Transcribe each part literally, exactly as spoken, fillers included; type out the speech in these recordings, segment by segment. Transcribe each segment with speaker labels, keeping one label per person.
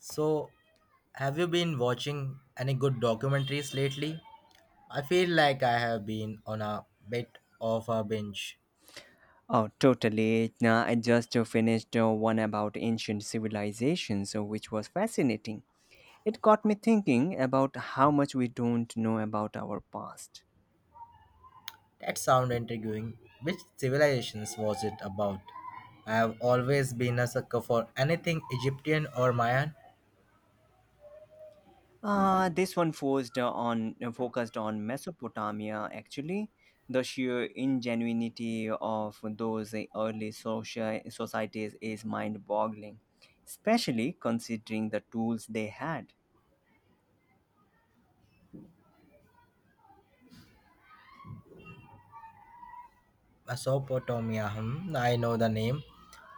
Speaker 1: So, have you been watching any good documentaries lately? I feel like I have been on a bit of a binge.
Speaker 2: Oh, totally. Now, I just uh, finished uh, one about ancient civilizations, uh, which was fascinating. It got me thinking about how much we don't know about our past.
Speaker 1: That sound intriguing. Which civilizations was it about? I have always been a sucker for anything Egyptian or Mayan.
Speaker 2: Uh, this one forced uh, on uh, focused on Mesopotamia, actually. The sheer ingenuity of those uh, early social societies is mind-boggling, especially considering the tools they had.
Speaker 1: Mesopotamia, hmm, I know the name,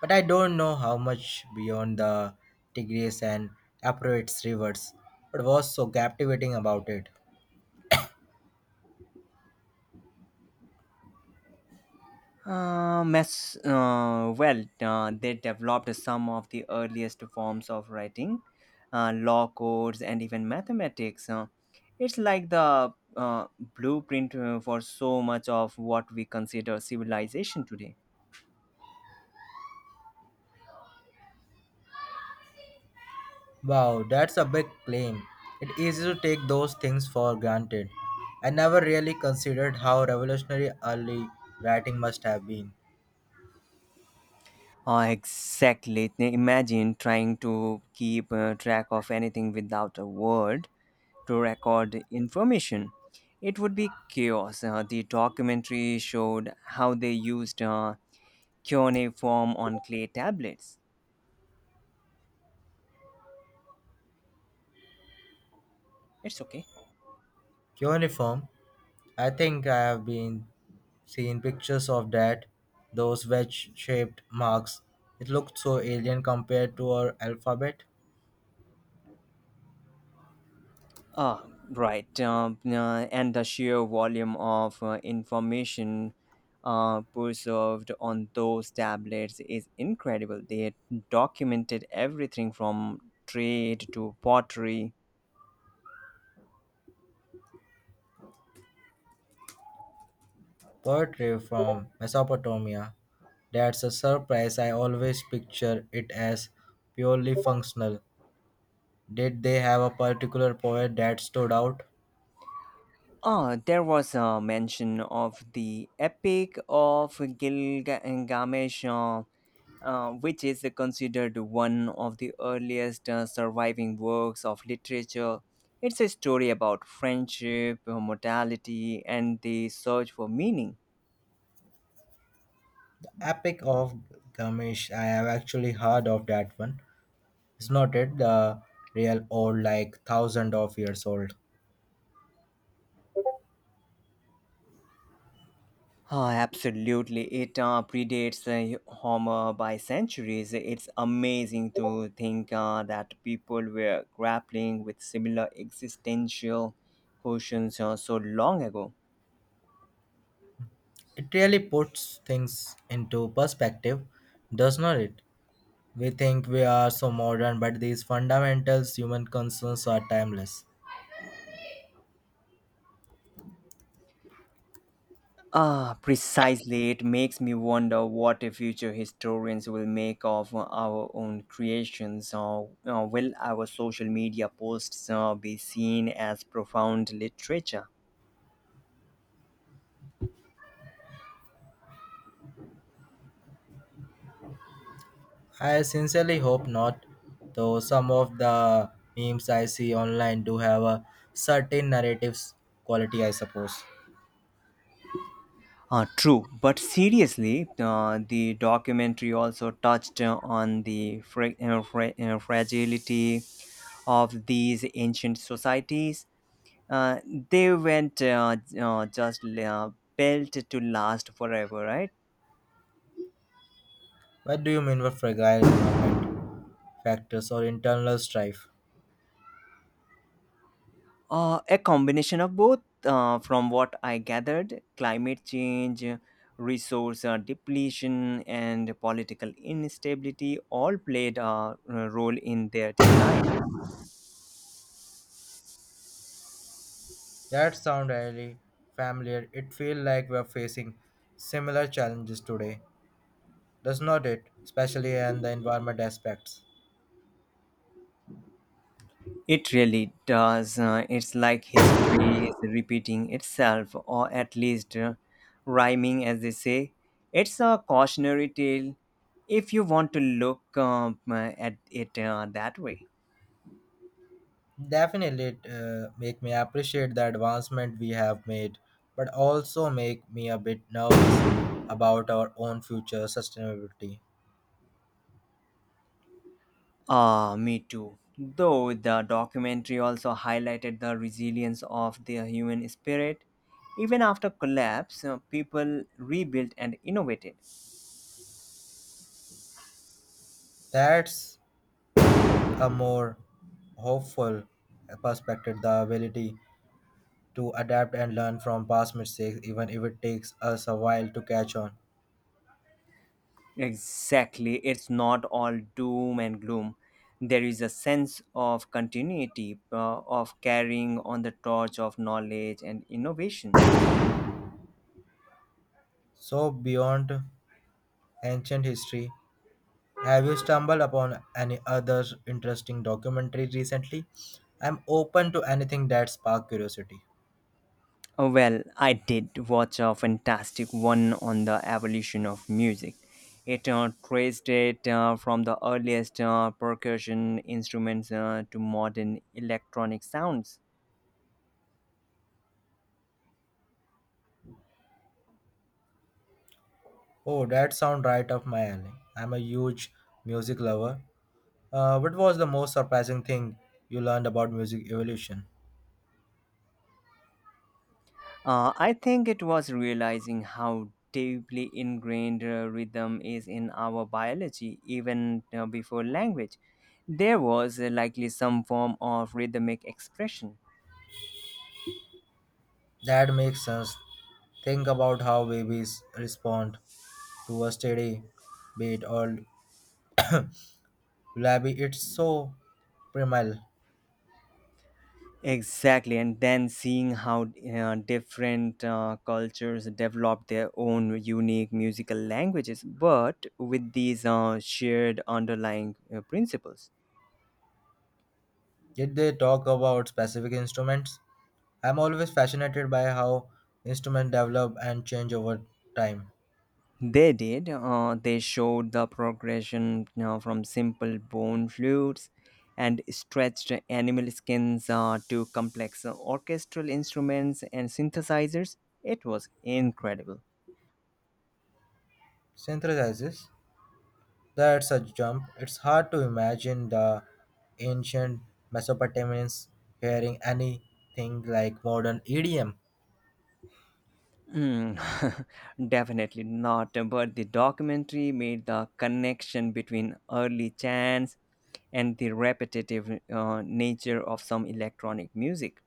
Speaker 1: but I don't know how much beyond the Tigris and Euphrates rivers. What was so captivating about it?
Speaker 2: Uh, mess, uh, well, uh, they developed some of the earliest forms of writing, uh, law codes, and even mathematics. Uh, it's like the uh, blueprint uh, for so much of what we consider civilization today.
Speaker 1: Wow, that's a big claim. It's easy to take those things for granted. I never really considered how revolutionary early writing must have been.
Speaker 2: Uh, exactly. Now imagine trying to keep uh, track of anything without a word to record information. It would be chaos. Uh, the documentary showed how they used uh, cuneiform on clay tablets. It's okay.
Speaker 1: Cuneiform, I think I have been seeing pictures of that, those wedge-shaped marks. It looked so alien compared to our alphabet.
Speaker 2: Ah, right. Um, uh, and the sheer volume of uh, information uh, preserved on those tablets is incredible. They documented everything from trade to pottery.
Speaker 1: Poetry from Mesopotamia. That's a surprise. I always picture it as purely functional. Did they have a particular poet that stood out?
Speaker 2: Ah, there was a mention of the Epic of Gilgamesh, uh, uh, which is considered one of the earliest uh, surviving works of literature. It's a story about friendship, uh, mortality, and the search for meaning.
Speaker 1: Epic of Gamish. I have actually heard of that one. It's not it the real old, like thousand of years old.
Speaker 2: Ah, absolutely. It uh, predates uh, Homer by centuries. It's amazing to think uh, that people were grappling with similar existential questions uh, so long ago.
Speaker 1: It really puts things into perspective, does not it? We think we are so modern, but these fundamentals human concerns are timeless.
Speaker 2: Ah, precisely. It makes me wonder what the future historians will make of our own creations. Or uh, will our social media posts uh, be seen as profound literature?
Speaker 1: I sincerely hope not, though some of the memes I see online do have a certain narratives quality, I suppose.
Speaker 2: Uh, true, but seriously, uh, the documentary also touched uh, on the fra- uh, fra- uh, fragility of these ancient societies. Uh, they weren't uh, uh, just uh, built to last forever, right?
Speaker 1: What do you mean by fragile factors or internal strife?
Speaker 2: Uh, a combination of both, uh, from what I gathered, climate change, resource uh, depletion, and political instability all played a uh, role in their decline.
Speaker 1: That sound really familiar. It feels like we're facing similar challenges today, does not it? Especially in the environment aspects.
Speaker 2: It really does. Uh, it's like history is repeating itself, or at least uh, rhyming, as they say. It's a cautionary tale if you want to look um, uh, at it uh, that way.
Speaker 1: Definitely, it uh, make me appreciate the advancement we have made, but also make me a bit nervous about our own future sustainability.
Speaker 2: Ah, me too. Though the documentary also highlighted the resilience of the human spirit. Even after collapse, uh, people rebuilt and innovated.
Speaker 1: That's a more hopeful perspective. The ability to adapt and learn from past mistakes, even if it takes us a while to catch on.
Speaker 2: Exactly. It's not all doom and gloom. There is a sense of continuity, uh, of carrying on the torch of knowledge and innovation.
Speaker 1: So beyond ancient history. Have you stumbled upon any other interesting documentary recently? I'm open to anything that spark curiosity.
Speaker 2: Oh, well, I did watch a fantastic one on the evolution of music. It uh, traced it uh, from the earliest uh, percussion instruments uh, to modern electronic sounds.
Speaker 1: Oh, that sounds right up my alley. I'm a huge music lover. Uh, what was the most surprising thing you learned about music evolution?
Speaker 2: Uh, I think it was realizing how deeply ingrained uh, rhythm is in our biology, even uh, before language. There was uh, likely some form of rhythmic expression.
Speaker 1: That makes sense. Think about how babies respond to a steady beat or lullaby. It's so primal.
Speaker 2: Exactly, and then seeing how uh, different uh, cultures develop their own unique musical languages, but with these uh, shared underlying uh, principles.
Speaker 1: Did they talk about specific instruments? I'm always fascinated by how instruments develop and change over time.
Speaker 2: They did. Uh, they showed the progression uh, from simple bone flutes and stretched animal skins uh, to complex orchestral instruments and synthesizers. It was incredible.
Speaker 1: Synthesizes, that's a jump. It's hard to imagine the ancient Mesopotamians hearing anything like modern E D M.
Speaker 2: Mm, definitely not, but the documentary made the connection between early chants and the repetitive uh, nature of some electronic music.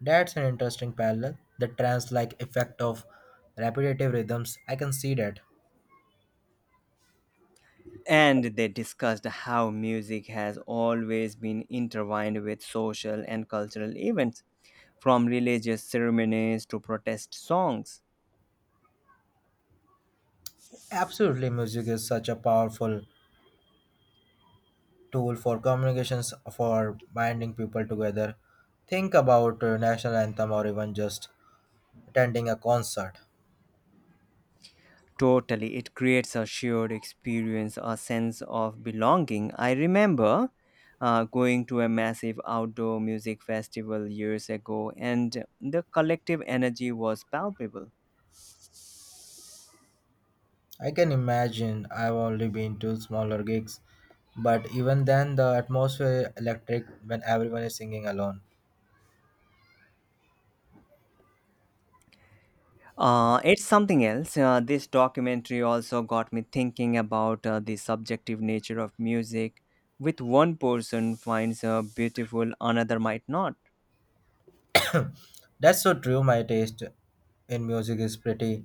Speaker 1: That's an interesting parallel. The trance like effect of repetitive rhythms, I can see that.
Speaker 2: And they discussed how music has always been intertwined with social and cultural events, from religious ceremonies to protest songs.
Speaker 1: Absolutely, music is such a powerful tool for communications for binding people together. Think about a national anthem or even just attending a concert.
Speaker 2: Totally, it creates a shared experience, a sense of belonging. I remember uh, going to a massive outdoor music festival years ago, and the collective energy was palpable.
Speaker 1: I can imagine I've only been to smaller gigs, but even then the atmosphere electric when everyone is singing alone.
Speaker 2: Uh, it's something else. Uh, this documentary also got me thinking about uh, the subjective nature of music, with one person finds uh, beautiful, another might not.
Speaker 1: That's so true. My taste in music is pretty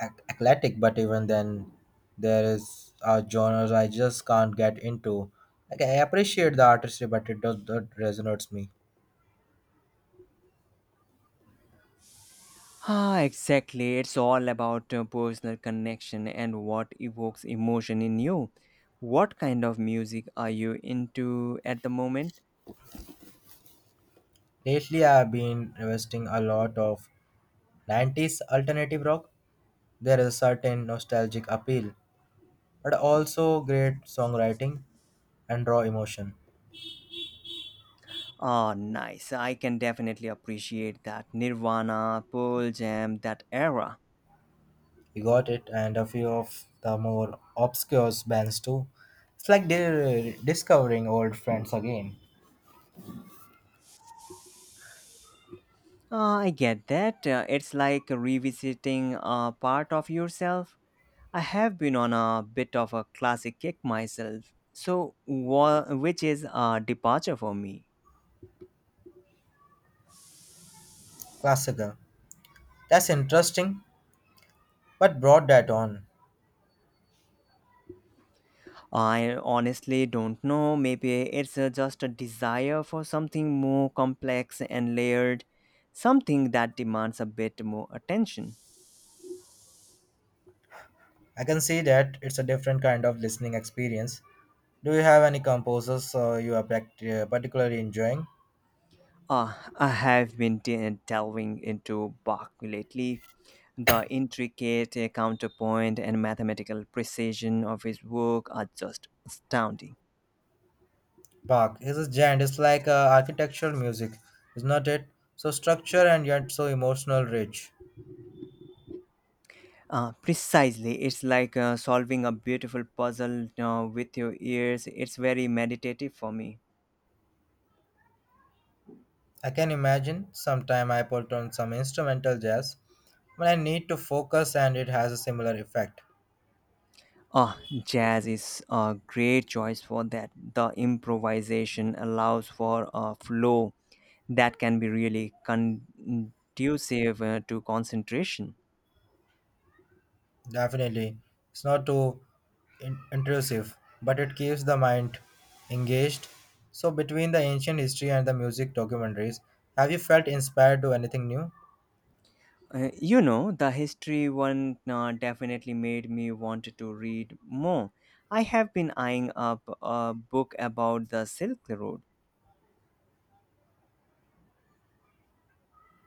Speaker 1: ec- eclectic, but even then, there is uh, genres I just can't get into. Like I appreciate the artistry, but it does not resonate me.
Speaker 2: Ah, exactly. It's all about uh, personal connection and what evokes emotion in you. What kind of music are you into at the moment?
Speaker 1: Lately, I've been investing a lot of nineties alternative rock. There is a certain nostalgic appeal, but also great songwriting and raw emotion.
Speaker 2: Ah, nice. I can definitely appreciate that. Nirvana, Pearl Jam, that era.
Speaker 1: You got it, and a few of the more obscure bands too. It's like di- discovering old friends again.
Speaker 2: Uh, I get that. Uh, it's like revisiting a part of yourself. I have been on a bit of a classic kick myself, so wha- which is a departure for me.
Speaker 1: Classical. That's interesting, but brought that on.
Speaker 2: I honestly don't know. Maybe it's uh, just a desire for something more complex and layered, something that demands a bit more attention.
Speaker 1: I can see that it's a different kind of listening experience. Do you have any composers uh, you are pract- uh, particularly enjoying?
Speaker 2: Uh, I have been de- delving into Bach lately. The intricate uh, counterpoint and mathematical precision of his work are just astounding.
Speaker 1: Park, is a giant. It's like uh, architectural music, is not it? So structure and yet so emotional rich.
Speaker 2: Uh, precisely, it's like uh, solving a beautiful puzzle uh, with your ears. It's very meditative for me.
Speaker 1: I can imagine sometime I put on some instrumental jazz when I need to focus and it has a similar effect.
Speaker 2: Ah, jazz is a great choice for that. The improvisation allows for a flow that can be really conducive uh, to concentration.
Speaker 1: Definitely. It's not too in- intrusive, but it keeps the mind engaged. So between the ancient history and the music documentaries, have you felt inspired to anything new?
Speaker 2: Uh, you know, the history one uh, definitely made me want to read more. I have been eyeing up a book about the Silk Road.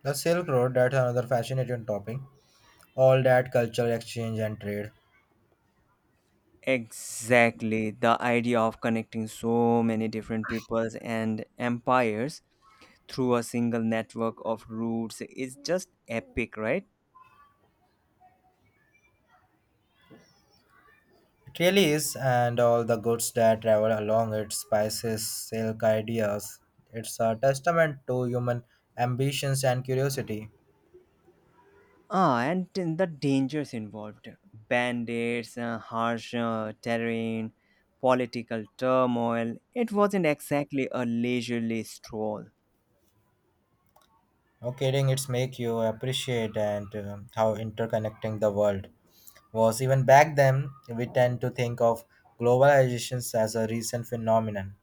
Speaker 1: The Silk Road, that's another fascinating topic. All that cultural exchange and trade.
Speaker 2: Exactly, the idea of connecting so many different peoples and empires through a single network of routes is just epic, right?
Speaker 1: It really is, and all the goods that travel along it spices, silk ideas. It's a testament to human ambitions and curiosity.
Speaker 2: Ah, and then the dangers involved: bandits, uh, harsh uh, terrain, political turmoil. It wasn't exactly a leisurely stroll.
Speaker 1: No kidding, it's make you appreciate and uh, how interconnecting the world was. Even back then, we tend to think of globalizations as a recent phenomenon.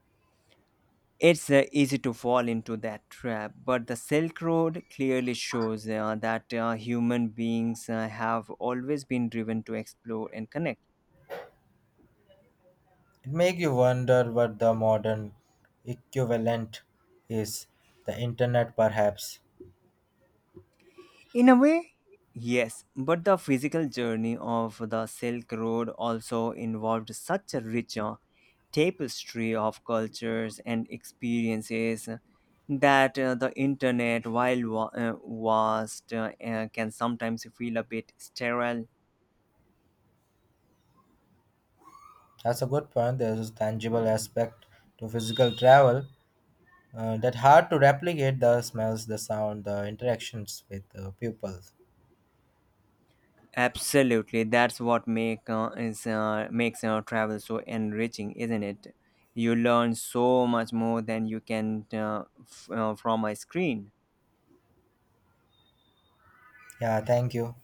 Speaker 2: It's uh, easy to fall into that trap, but the Silk Road clearly shows uh, that uh, human beings uh, have always been driven to explore and connect.
Speaker 1: It make you wonder what the modern equivalent is. The internet, perhaps.
Speaker 2: In a way, yes, but the physical journey of the Silk Road also involved such a rich uh, tapestry of cultures and experiences that uh, the internet, while wa- uh, vast, uh, uh, can sometimes feel a bit sterile.
Speaker 1: That's a good point. There's a tangible aspect to physical travel uh, that hard to replicate the smells the sound the interactions with uh, people.
Speaker 2: Absolutely, that's what make uh, is uh, makes uh, travel so enriching, isn't it? You learn so much more than you can uh, f- uh, from a screen.
Speaker 1: Yeah, thank you.